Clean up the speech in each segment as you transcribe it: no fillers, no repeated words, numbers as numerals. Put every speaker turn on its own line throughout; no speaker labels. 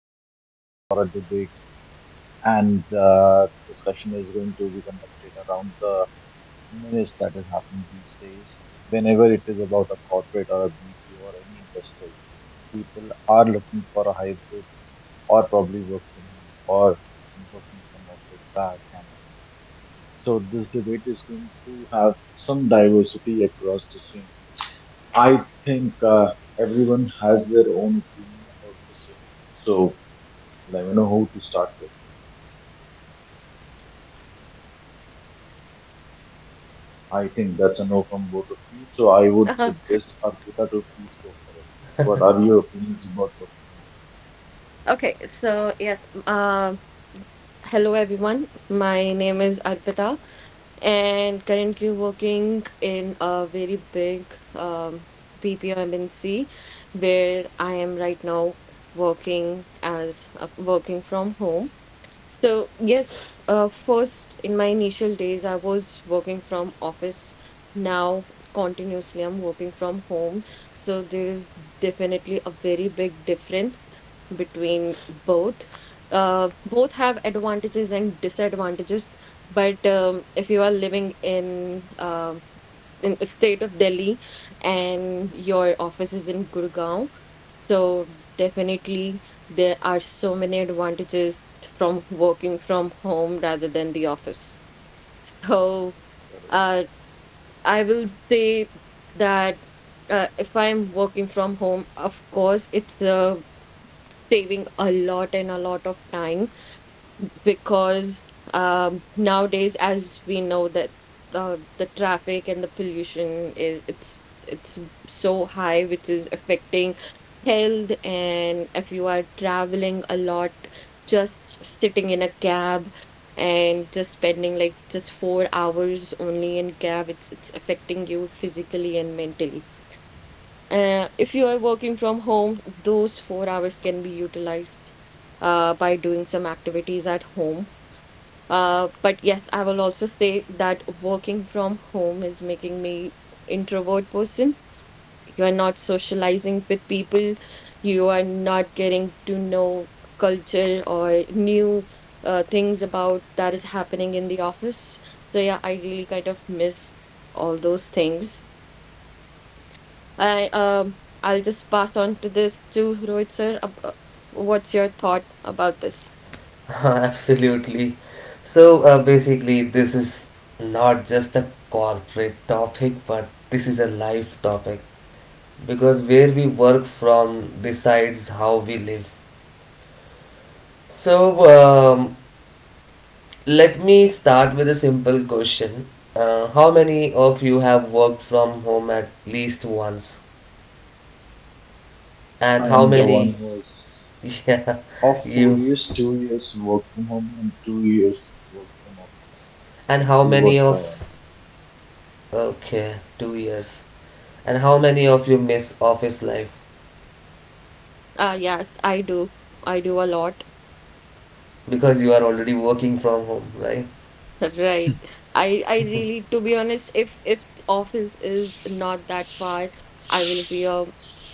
in a podcast for a debate, and the discussion is going to be conducted around the menace that is happening these days. Whenever it is about a corporate or a BPO or any industry, people are looking for a hybrid or probably work from home or working from office campaigns. So, this debate is going to have some diversity across the same. I think everyone has their own opinion about the same. So let me know who to start with. I think that's a no from both of you. So I would
Uh,
suggest Arpita to please go for it. What are your opinions about work from home?
okay, yes, uh, hello everyone. My name is Arpita and currently working in a very big BPO MNC where I am right now working as working from home. So yes, first in my initial days, I was working from office. Now continuously, I'm working from home. So there is definitely a very big difference between both. Both have advantages and disadvantages. But if you are living in the state of Delhi and your office is in Gurgaon, so definitely there are so many advantages from working from home rather than the office. So
Correct.
uh, I will say that if I'm working from home, of course, it's saving a lot and a lot of time because nowadays, as we know that the traffic and the pollution is it's so high, which is affecting health. And if you are traveling a lot, just sitting in a cab and just spending like just 4 hours only in cab, it's affecting you physically and mentally. If you are working from home, those 4 hours can be utilized by doing some activities at home but yes, I will also say that working from home is making me introvert person. You are not socializing with people. You are not getting to know culture or new things about that is happening in the office. So yeah, I really kind of miss all those things. I um, I'll just pass on to this to Rohit sir. What's your thought about this?
Absolutely. So basically, this is not just a corporate topic, but this is a life topic because where we work from decides how we live. So um, let me start with a simple question. How many of you have worked from home at least once?
I
And how
am the
Yeah.
one
many? Yeah,
of four
you.
years, 2 years work from home and 2 years work from office.
And
This
how
is what,
many
uh,
of? Okay, 2 years. And how many of you miss office life?
Yes, I do. I do a lot.
Because you are already working from home, right?
Right. I really, to be honest, if the office is not that far, I will be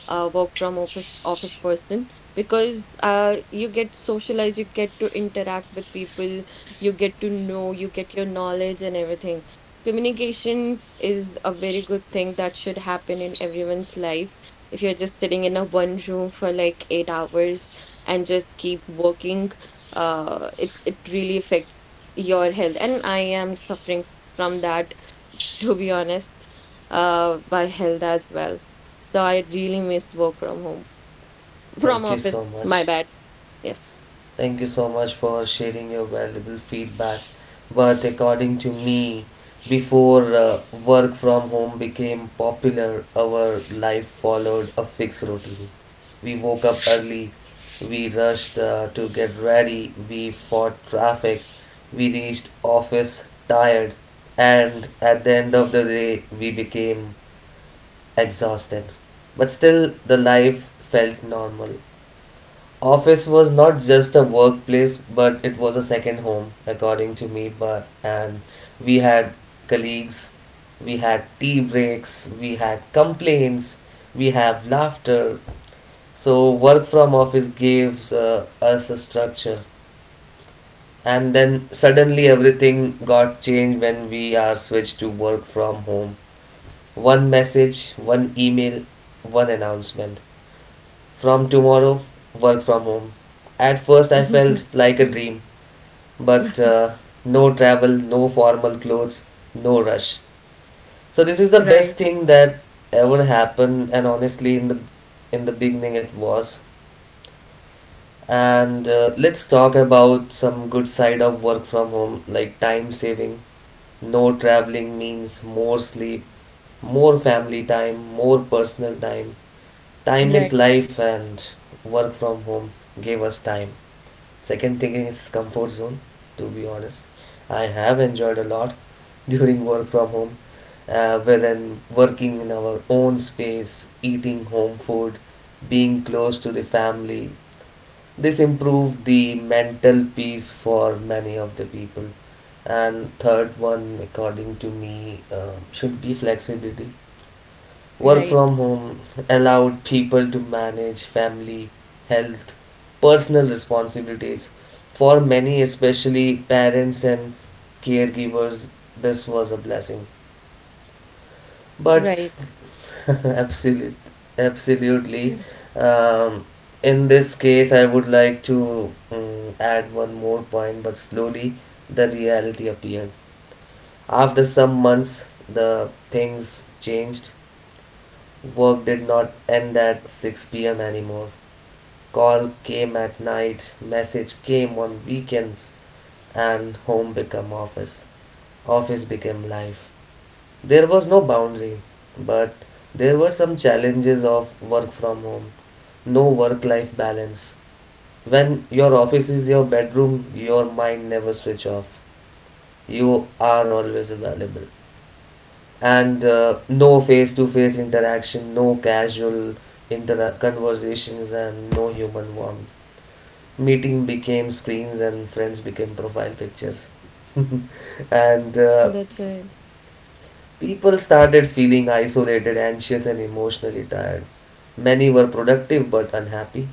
a work from office office person because you get socialized, you get to interact with people, you get to know, you get your knowledge and everything. Communication is a very good thing that should happen in everyone's life. If you're just sitting in a one room for like 8 hours and just keep working, it really affects your health. And I am suffering from that, to be honest, by health as well. So I really miss work from home, from
Thank you
office.
so
My
much.
bad. Yes.
Thank you so much for sharing your valuable feedback. But according to me, before work from home became popular, our life followed a fixed routine. We woke up early, we rushed to get ready, we fought traffic, we reached office tired, and at the end of the day, we became exhausted. But still, the life felt normal. Office was not just a workplace, but it was a second home, according to me. But and we had colleagues, we had tea breaks, we had complaints, we have laughter. So work from office gives us a structure, and then suddenly everything got changed when we are switched to work from home. One message, one email, one announcement. From tomorrow, work from home. At first, I felt like a dream, but no travel, no formal clothes, no rush. So this is the best
Right,
thing that ever happened, and honestly, in the beginning, it was. And let's talk about some good side of work from home, like time saving. No traveling means more sleep, more family time, more personal time. Time
right,
is life, and work from home gave us time. Second thing is comfort zone, to be honest. I have enjoyed a lot during work from home, wherein working in our own space, eating home food, being close to the family. This improved the mental peace for many of the people. And third one, according to me, should be flexibility. Work
right,
from home allowed people to manage family, health, personal responsibilities. For many, especially parents and caregivers, this was a blessing.
right.
But absolute, absolutely, um, in this case, I would like to add one more point. But slowly, the reality appeared. After some months, the things changed. Work did not end at 6 p.m. anymore. Call came at night, message came on weekends, and home became office. Office became life. There was no boundary, but there were some challenges of work from home. No work life balance. When your office is your bedroom, your mind never switch off. You are always available. And no face-to-face interaction, no casual conversations, and no human warmth. Meeting became screens, and friends became profile pictures. And
That's right.
people started feeling isolated, anxious, and emotionally tired. Many were productive but unhappy.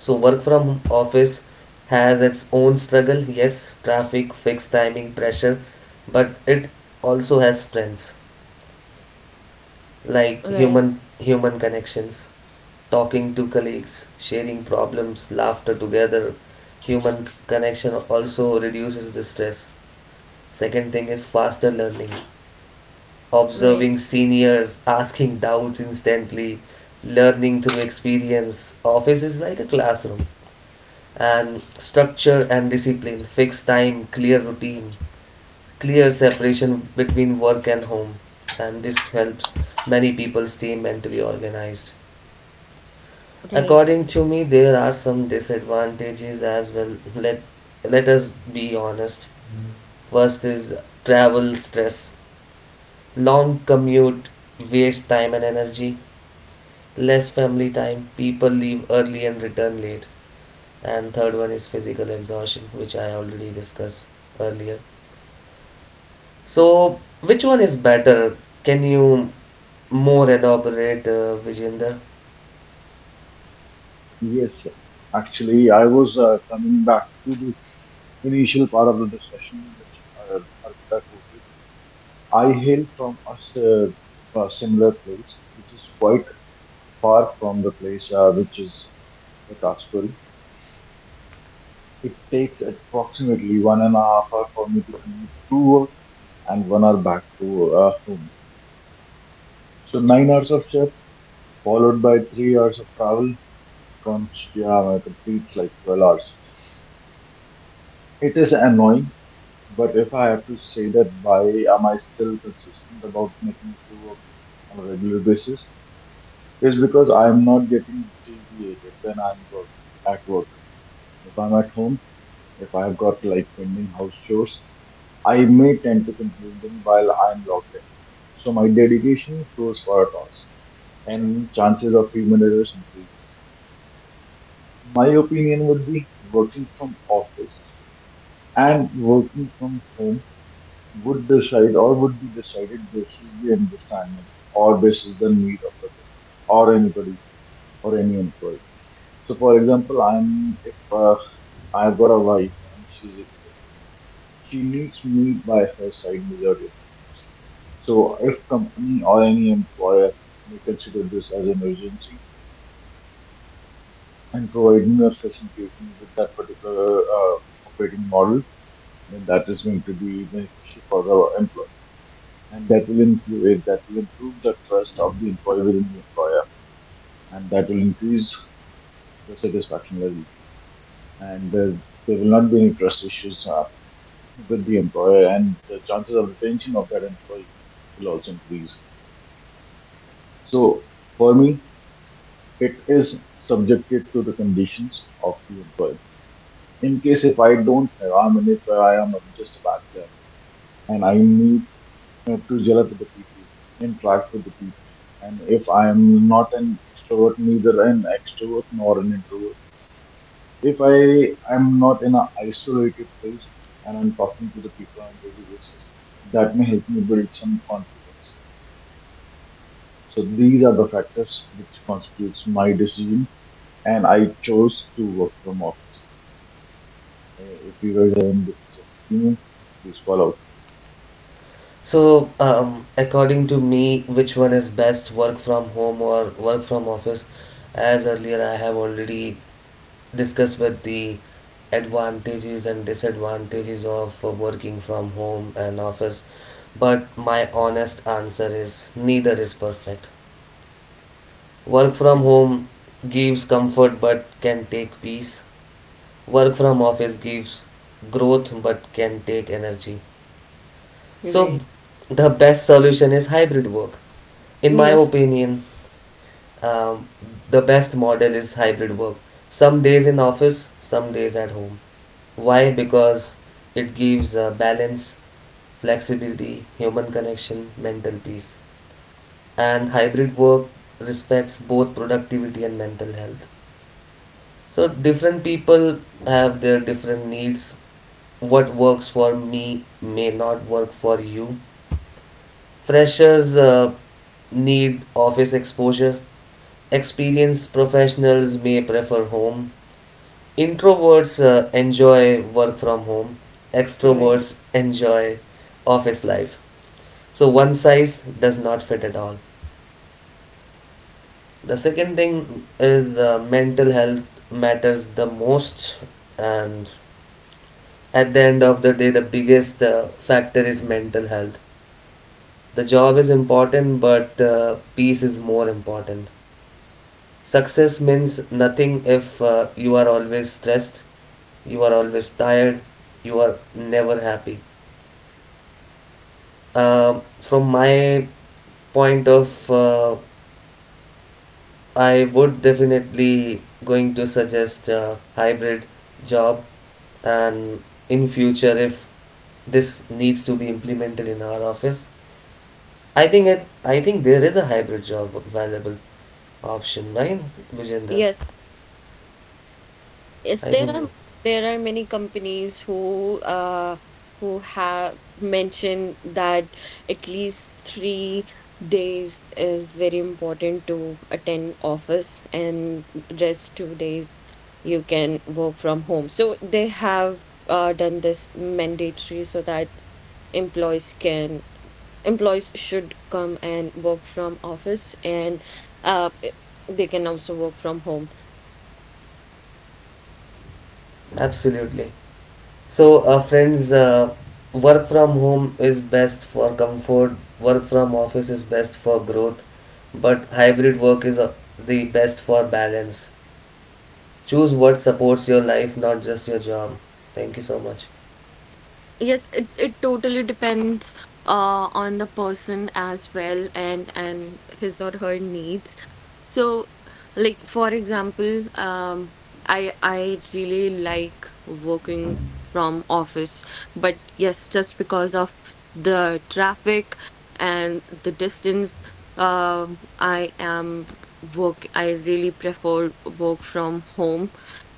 So work from office has its own struggle. Yes, traffic, fixed timing, pressure, but it also has strengths like
Right,
human connections, talking to colleagues, sharing problems, laughter together. Human connection also reduces the stress. Second thing is faster learning,
right,
observing seniors, asking doubts instantly, learning through experience. Office is like a classroom, and structure and discipline, fixed time, clear routine, clear separation between work and home, and this helps many people stay mentally organized.
right,
According to me, there are some disadvantages as well. Let us be honest. First is travel stress, long commute, waste time and energy, less family time, people leave early and return late. And third one is physical exhaustion, which I already discussed earlier. So, which one is better? Can you more elaborate, Vijender?
yes, sir. Actually, I was coming back to the initial part of the discussion which Arpita quoted. I hail from a, a similar place, which is quite far from the place which is Vikas. It takes approximately 1.5 hours for me to commute to work and 1 hour back to home. So 9 hours of shift followed by 3 hours of travel yeah, completes like 12 hours. It is annoying, but if I have to say that why am I still consistent about making it to work on a regular basis, is because I'm not getting deviated when I'm work at work. If I'm at home, if I've got like pending house chores, I may tend to complete them while I'm locked in. So my dedication goes for a toss, and chances of human errors increases. My opinion would be working from office and working from home would decide or would be decided basis the understanding or basis the need of the customer or anybody or any employee. So, for example, I'm if I've got a wife and she's expecting, she needs me by her side majority of the times. So, if company or any employer may consider this as an urgency and provide me or facilitate me with that particular operating model, then that is going to be beneficial for the employee, and that will improve the trust of the employee within the employer, and that will increase the satisfaction level, and there will not be any trust issues with the employer and the chances of retention of that employee will also increase. So for me, it is subjected to the conditions of the employer. In case if I don't have, I'm an if I am just a bachelor and I need to gel up with the people, interact with the people. And if I am not an extrovert, neither an extrovert nor an introvert, if I am not in an isolated place and I'm talking to the people on a daily basis, that may help me build some confidence. So these are the factors which constitutes my decision, and I chose to work from office. If you guys have any difference of opinion, please call out.
So, according to me, which one is best, work from home or work from office? As earlier, I have already discussed with the advantages and disadvantages of working from home and office, but my honest answer is neither is perfect. Work from home gives comfort but can take peace. Work from office gives growth but can take energy. So,
right.
the best solution is hybrid work. In my
Yes,
opinion, um, the best model is hybrid work. Some days in office, some days at home. Why? Because it gives balance, flexibility, human connection, mental peace. And hybrid work respects both productivity and mental health. So different people have their different needs. What works for me may not work for you. Freshers need office exposure. Experienced professionals may prefer home. Introverts enjoy work from home.
right.
Extroverts enjoy office life. So one size does not fit at all. The second thing is mental health matters the most, and at the end of the day, the biggest factor is mental health. The job is important, but peace is more important. Success means nothing if you are always stressed, you are always tired, you are never happy. From my point of I would definitely going to suggest a hybrid job, and in future if this needs to be implemented in our office, I think there is a hybrid job available option, right, Vijender?
Yes. Yes,
I think
there are many companies who have mentioned that at least 3 days is very important to attend office and rest 2 days you can work from home. So they have done this mandatory so that employees can employees should come and work from office and uh, they can also work from home.
absolutely. So, friends, work from home is best for comfort, work from office is best for growth, but hybrid work is the best for balance. Choose what supports your life, not just your job. Thank you so much.
Yes, it totally depends on the person as well and his or her needs. So, like for example, I really like working from office, but yes, just because of the traffic and the distance, I am work. I really prefer work from home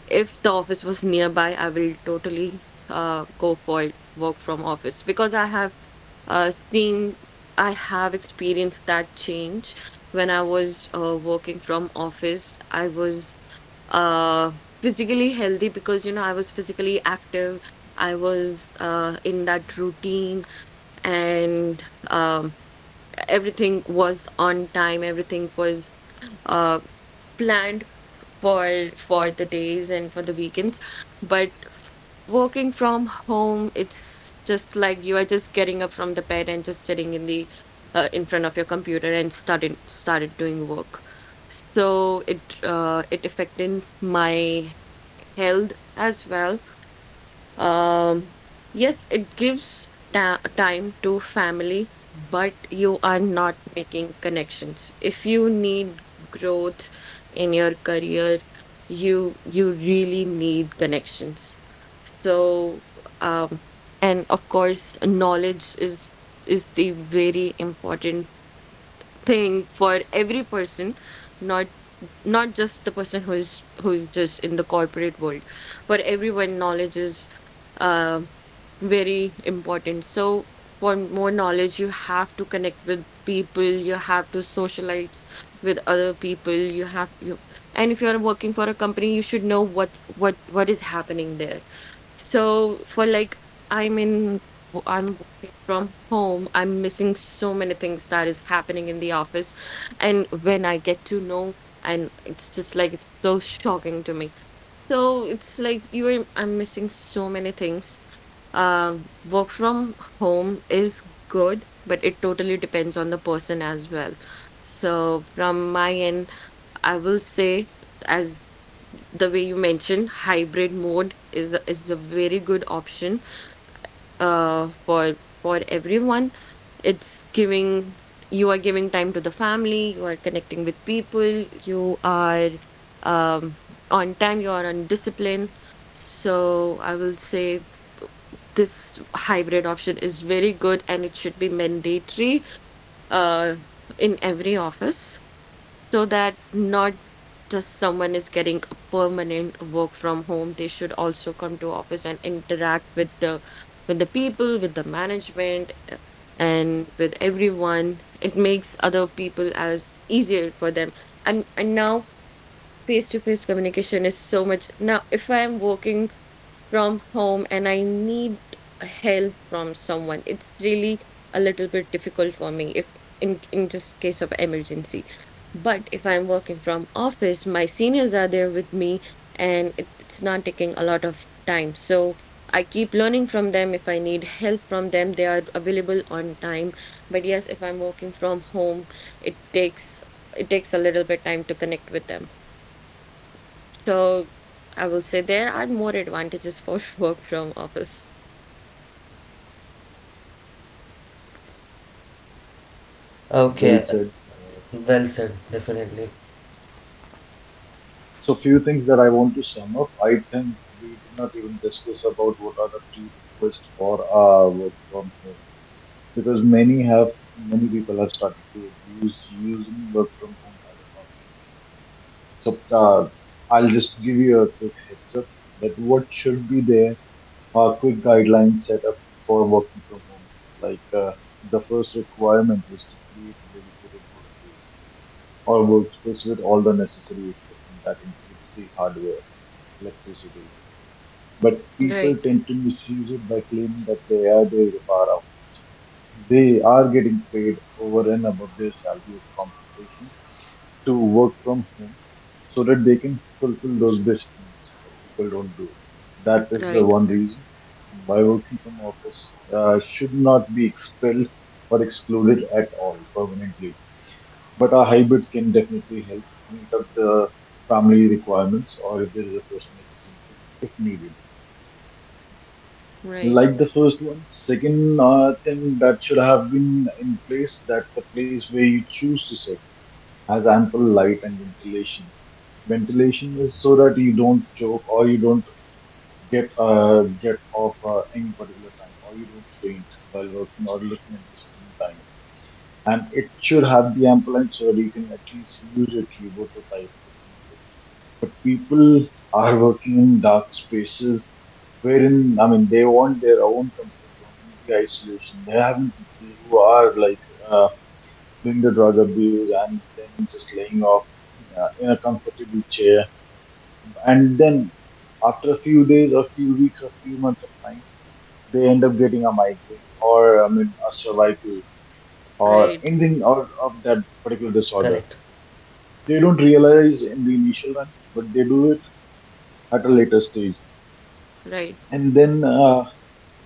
if the office was nearby, I will totally go for it, work from office because I have seen, I have experienced that change. When I was working from office, I was uh, physically healthy because you know I was physically active. I was in that routine, and um, everything was on time. Everything was uh, planned for the days and for the weekends but working from home, it's just like you are just getting up from the bed and just sitting in the in front of your computer and started doing work. So it affected my health as well. um, yes, it gives ta time to family, but you are not making connections. If you need growth in your career, you really need connections. So, um, and of course, knowledge is the very important thing for every person, not not just the person who is just in the corporate world. For everyone, knowledge is um very important. So for more knowledge, you have to connect with people, you have to socialize with other people, you have you and if you're working for a company, you should know what is happening there. So for like I'm in I'm working from home, I'm missing so many things that is happening in the office. And when I get to know and it's just like it's so shocking to me. So it's like you are I'm missing so many things. Work from home is good, but it totally depends on the person as well. So, from my end, I will say, as the way you mentioned, hybrid mode is the is a very good option uh, for for everyone. It's giving you are giving time to the family, you are connecting with people, you are um, on time, you are on discipline. So I will say this hybrid option is very good and it should be mandatory uh, in every office so that not just someone is getting a permanent work from home, they should also come to office and interact with the people with the management and with everyone. It makes other people as easier for them. And now face to face communication is so much. Now if I am working from home and I need help from someone, it's really a little bit difficult for me if in just case of emergency. But if I'm working from office, my seniors are there with me and it's not taking a lot of time. So I keep learning from them. If I need help from them, they are available on time. But yes, if I'm working from home, it takes it takes a little bit time to connect with them. So I will say there are more advantages for work from office.
Well
Okay,
said, Pratap.
well said,
I'm sorry.
definitely.
So few things that I want to sum up. I think we did not even discuss about what are the key requests for work from home because many people have started to abuse using work from home as an option. So uh, I'll just give you a quick heads up that what should be there a quick guideline setup for working from home. Like the first requirement is to create a dedicated workplace or workspace with all the necessary equipment that includes the hardware, electricity. But people
Right,
tend to misuse it by claiming that they are days of power out. They are getting paid over and above their salary as a compensation to work from home so that they can fulfill those basic needs. But people don't do it. That is the
right,
one reason why working from office should not be expelled or excluded at all permanently. But a hybrid can definitely help meet up the family requirements or if there is a personal experience if needed.
right,
Like the first one, second thing that should have been in place, that the place where you choose to sit has ample light and ventilation. Ventilation is so that you don't choke or you don't get off any particular time or you don't faint while working or looking at the screen time. And it should have the ample so that you can at least use your keyboard to type if needed. But people are working in dark spaces, wherein I mean they want their own comfort zone in the isolation. There have been people who are like uh, doing the drug abuse and then just laying off in a comfortable chair and then after a few days or few weeks or few months of time, they end up getting a migraine or I mean a cervical or
right,
anything or of that particular disorder.
Correct,
They don't realize in the initial run, but they do it at a later stage.
right.
And then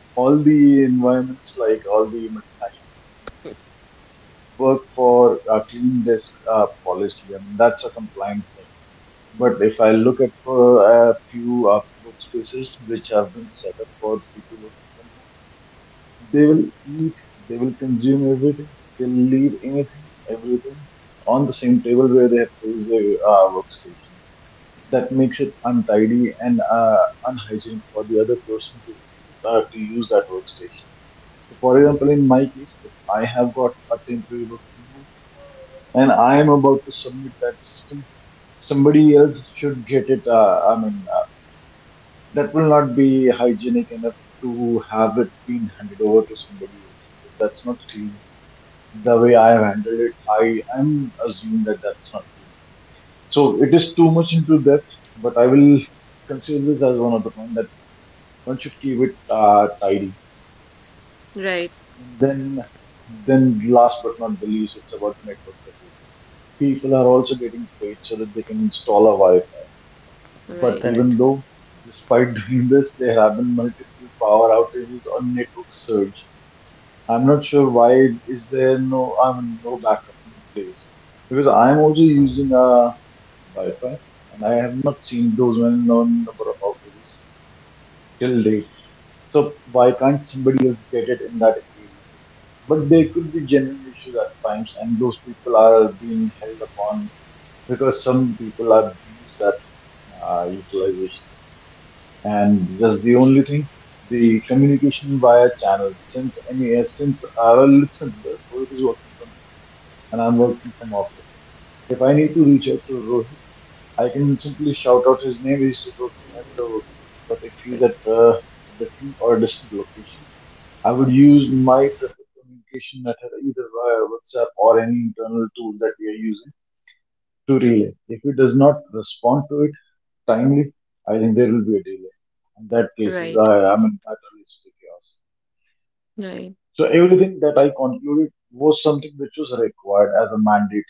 all the environments, like all the multinational companies
Mm.
work for a clean desk policy, I mean that's a compliant thing. But if I look at a few workspaces which have been set up for people working from home, they will eat, they will consume everything, they'll leave anything, everything on the same table where they have placed their workstation. That makes it untidy and unhygienic for the other person to use that workstation. So, for example, in my case, if I have got a temporary work from home and I am about to submit that system, somebody else should get it. I mean, that will not be hygienic enough to have it been handed over to somebody else. That's not clean the way I have handled it, I am assuming that that's not true. So it is too much into depth, but I will consider this as one of the point that one should keep it tidy.
Right,
And then last but not the least, it's about the network coverage. People are also getting paid so that they can install a Wi-Fi. But
right,
correct.
even though, despite doing this, there have been multiple power outages or network surge. I'm not sure why is there no, I mean no backup in place, because I'm also using a Wi-Fi and I have not seen those many known number of outages till date. So why can't somebody else get it in that area? But there could be genuine issues at times, and those people are being held upon because some people abuse that utilization, and that's the only thing. The communication via channel, since any since well, let's consider who is working from and I'm working from office. If I need to reach out to Rohit, I can simply shout out his name. He's working at the workplace. But if he's at a different or a distant location, I would use my preferred communication method either via WhatsApp or any internal tool that we are
Okay.
using
So,
to relay.
in this
If he does
case,
not respond to it
I would
timely,
like
I
to
think there will be a delay. In
add
that case,
right,
some
I am in a
points
risk of chaos.
not for work from
right,
home,
So
not
everything
for
that I
work from
concluded
office,
was something
but
which was
for the
required
hybrid
as a
work.
mandatory,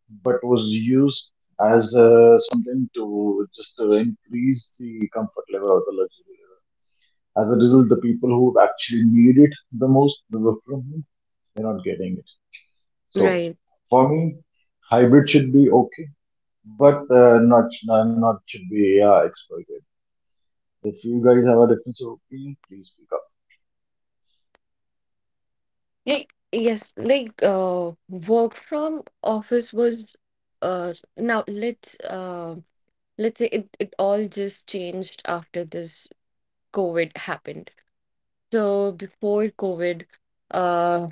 So,
but was
according to me,
used
hybrid work
as
is
something
equal to
to just
structure plus
increase
freedom.
the comfort level or the luxury level.
Hybrid
As a result, the
work
people who
provides
actually
the
need it the most, the work from
office
home,
days,
getting it.
learnings,
right.
For
bondings,
me,
visibility,
hybrid should be okay,
home days,
but
focus,
uh, not
comfort,
not not should
balance.
be
So, it
expert.
is the combination of the
If you
work
guys
from
have a
home
different,
and the office both.
pick up.
And
Like, yes, work from office was now let's say, it all just changed after this COVID happened. So before COVID, uh.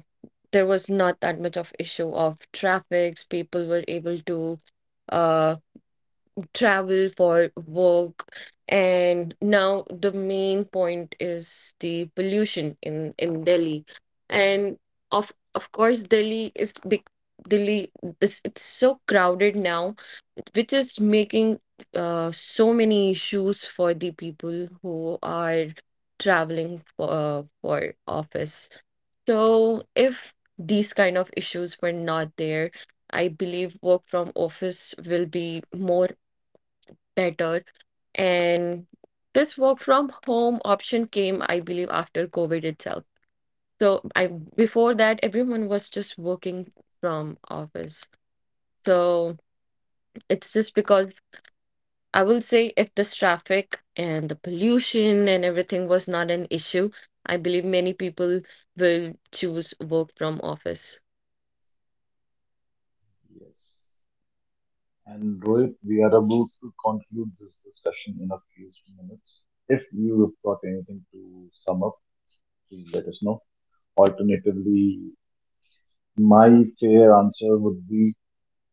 there was not that much of issue of traffics. People were able to uh, travel for work. And now the main point is the pollution in Delhi. And of course, Delhi is big. Delhi, this it's so crowded now, which is making so many issues for the people who are traveling for office. So if these kind of issues were not there, I believe work from office will be more better. And this work from home option came, I believe, after COVID itself. So I before that, everyone was just working from office. So it's just because I will say if this traffic and the pollution and everything was not an issue, I believe many people will choose work from office.
Yes. And Rohit, we are about to conclude this discussion in a few minutes. If you have got anything to sum up, please let us know. Alternatively, my fair answer would be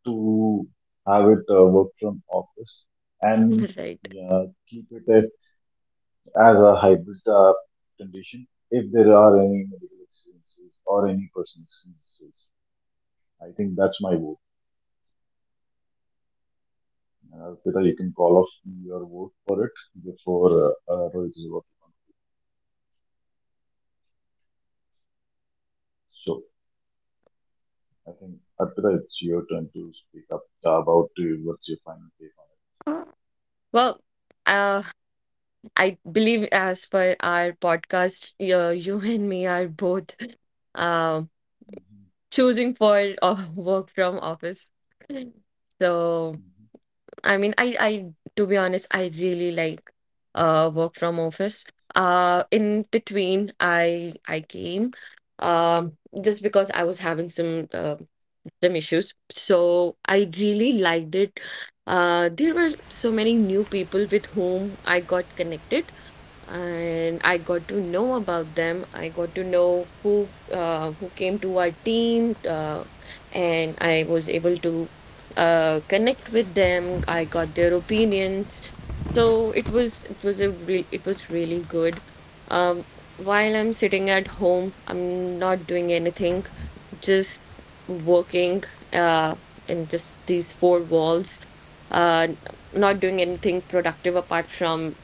to have it work from office and
Right.
yeah, keep it at, as a hybrid condition if there are any medical excellences or any personal excellences. I think that's my vote. Pita, you can call off your vote for it before Rohit is about to. So I think, Arpita, it's your turn to speak up about what's your final take on
Well, uh, I believe as per our podcast, you and me are both um
it. Hmm.
choosing for work from office. So, I mean, I, to be honest, I really like work from office. In between, I came, um, just because I was having some issues. So I really liked it. There were so many new people with whom I got connected and I got to know about them. I got to know who came to our team, and I was able to connect with them. I got their opinions, so it was really good. Um, while I'm sitting at home, I'm not doing anything, just working uh, in just these four walls. Uh, not doing anything productive apart from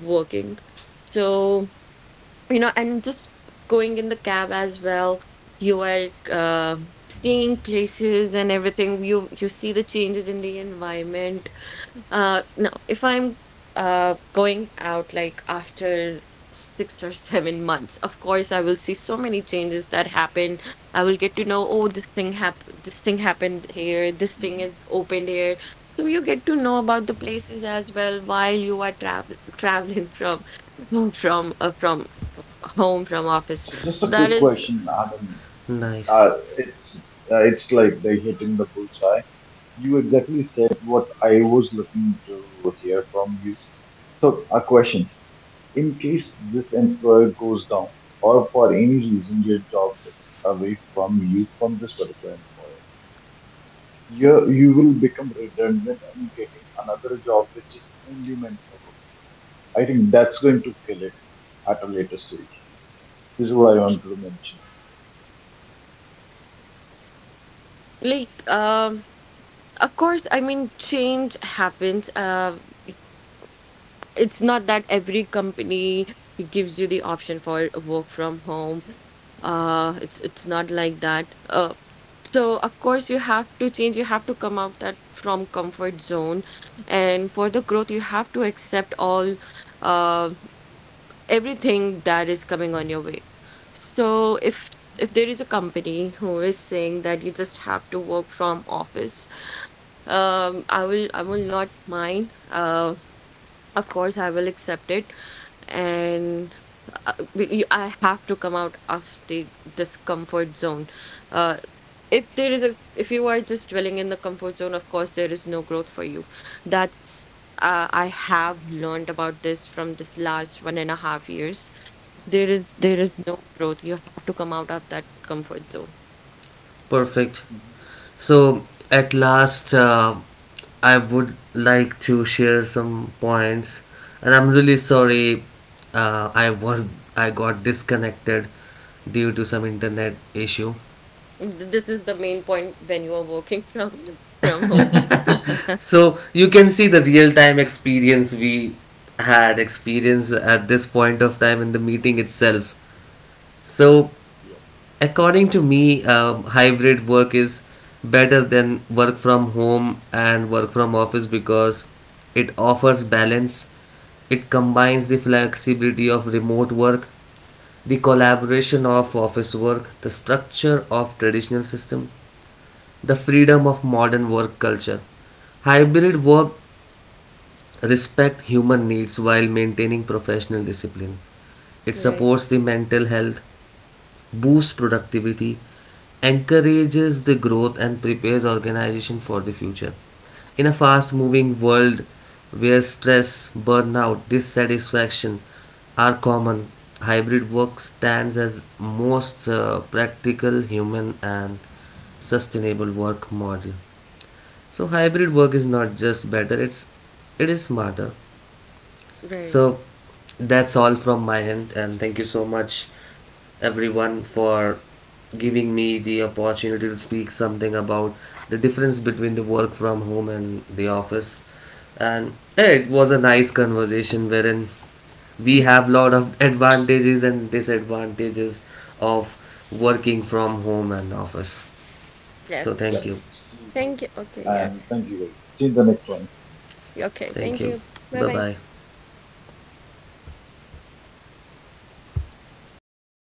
working. So, you know, and just going in the cab as well, you are seeing places and everything. You see the changes in the environment no, if I'm going out like after 6 or 7 months, of course I will see so many changes that happen. I will get to know, oh, this thing happened here, this thing
Mm-hmm.
is opened here. So you get to know about the places as well while you are traveling from
Yeah.
from home from office.
So just a
So
quick
that is
question. I mean, uh, it's it's like they hitting the bullseye. You exactly said what I was looking to hear from you. So a question: in case this employer goes down, or for any reason your job gets away from you from this particular employer, you will become redundant and getting another job which is only meant for work from home. I think that's going to kill it at a later stage. This is what I wanted to mention.
like um of course, I mean change happens. It's not that every company gives you the option for work from home. It's not like that. So of course you have to change. You have to come out that from comfort zone, and for the growth you have to accept all, uh, everything that is coming on your way. So if there is a company who is saying that you just have to work from office, I will not mind. Of course I will accept it and I have to come out of the discomfort zone. Uh, if there is if you are just dwelling in the comfort zone, of course, there is no growth for you. That's I have learned about this from this last 1.5 years. There is no growth. You have to come out of that comfort zone.
Mhm. Mhm.
This is the main point when you are working from home.
Yep,
Right, right. Yes.
yep. See you
Thank
guys,
you. Okay, yes.
and thank you guys. See you in the next one.
Okay, thank you. Bye bye.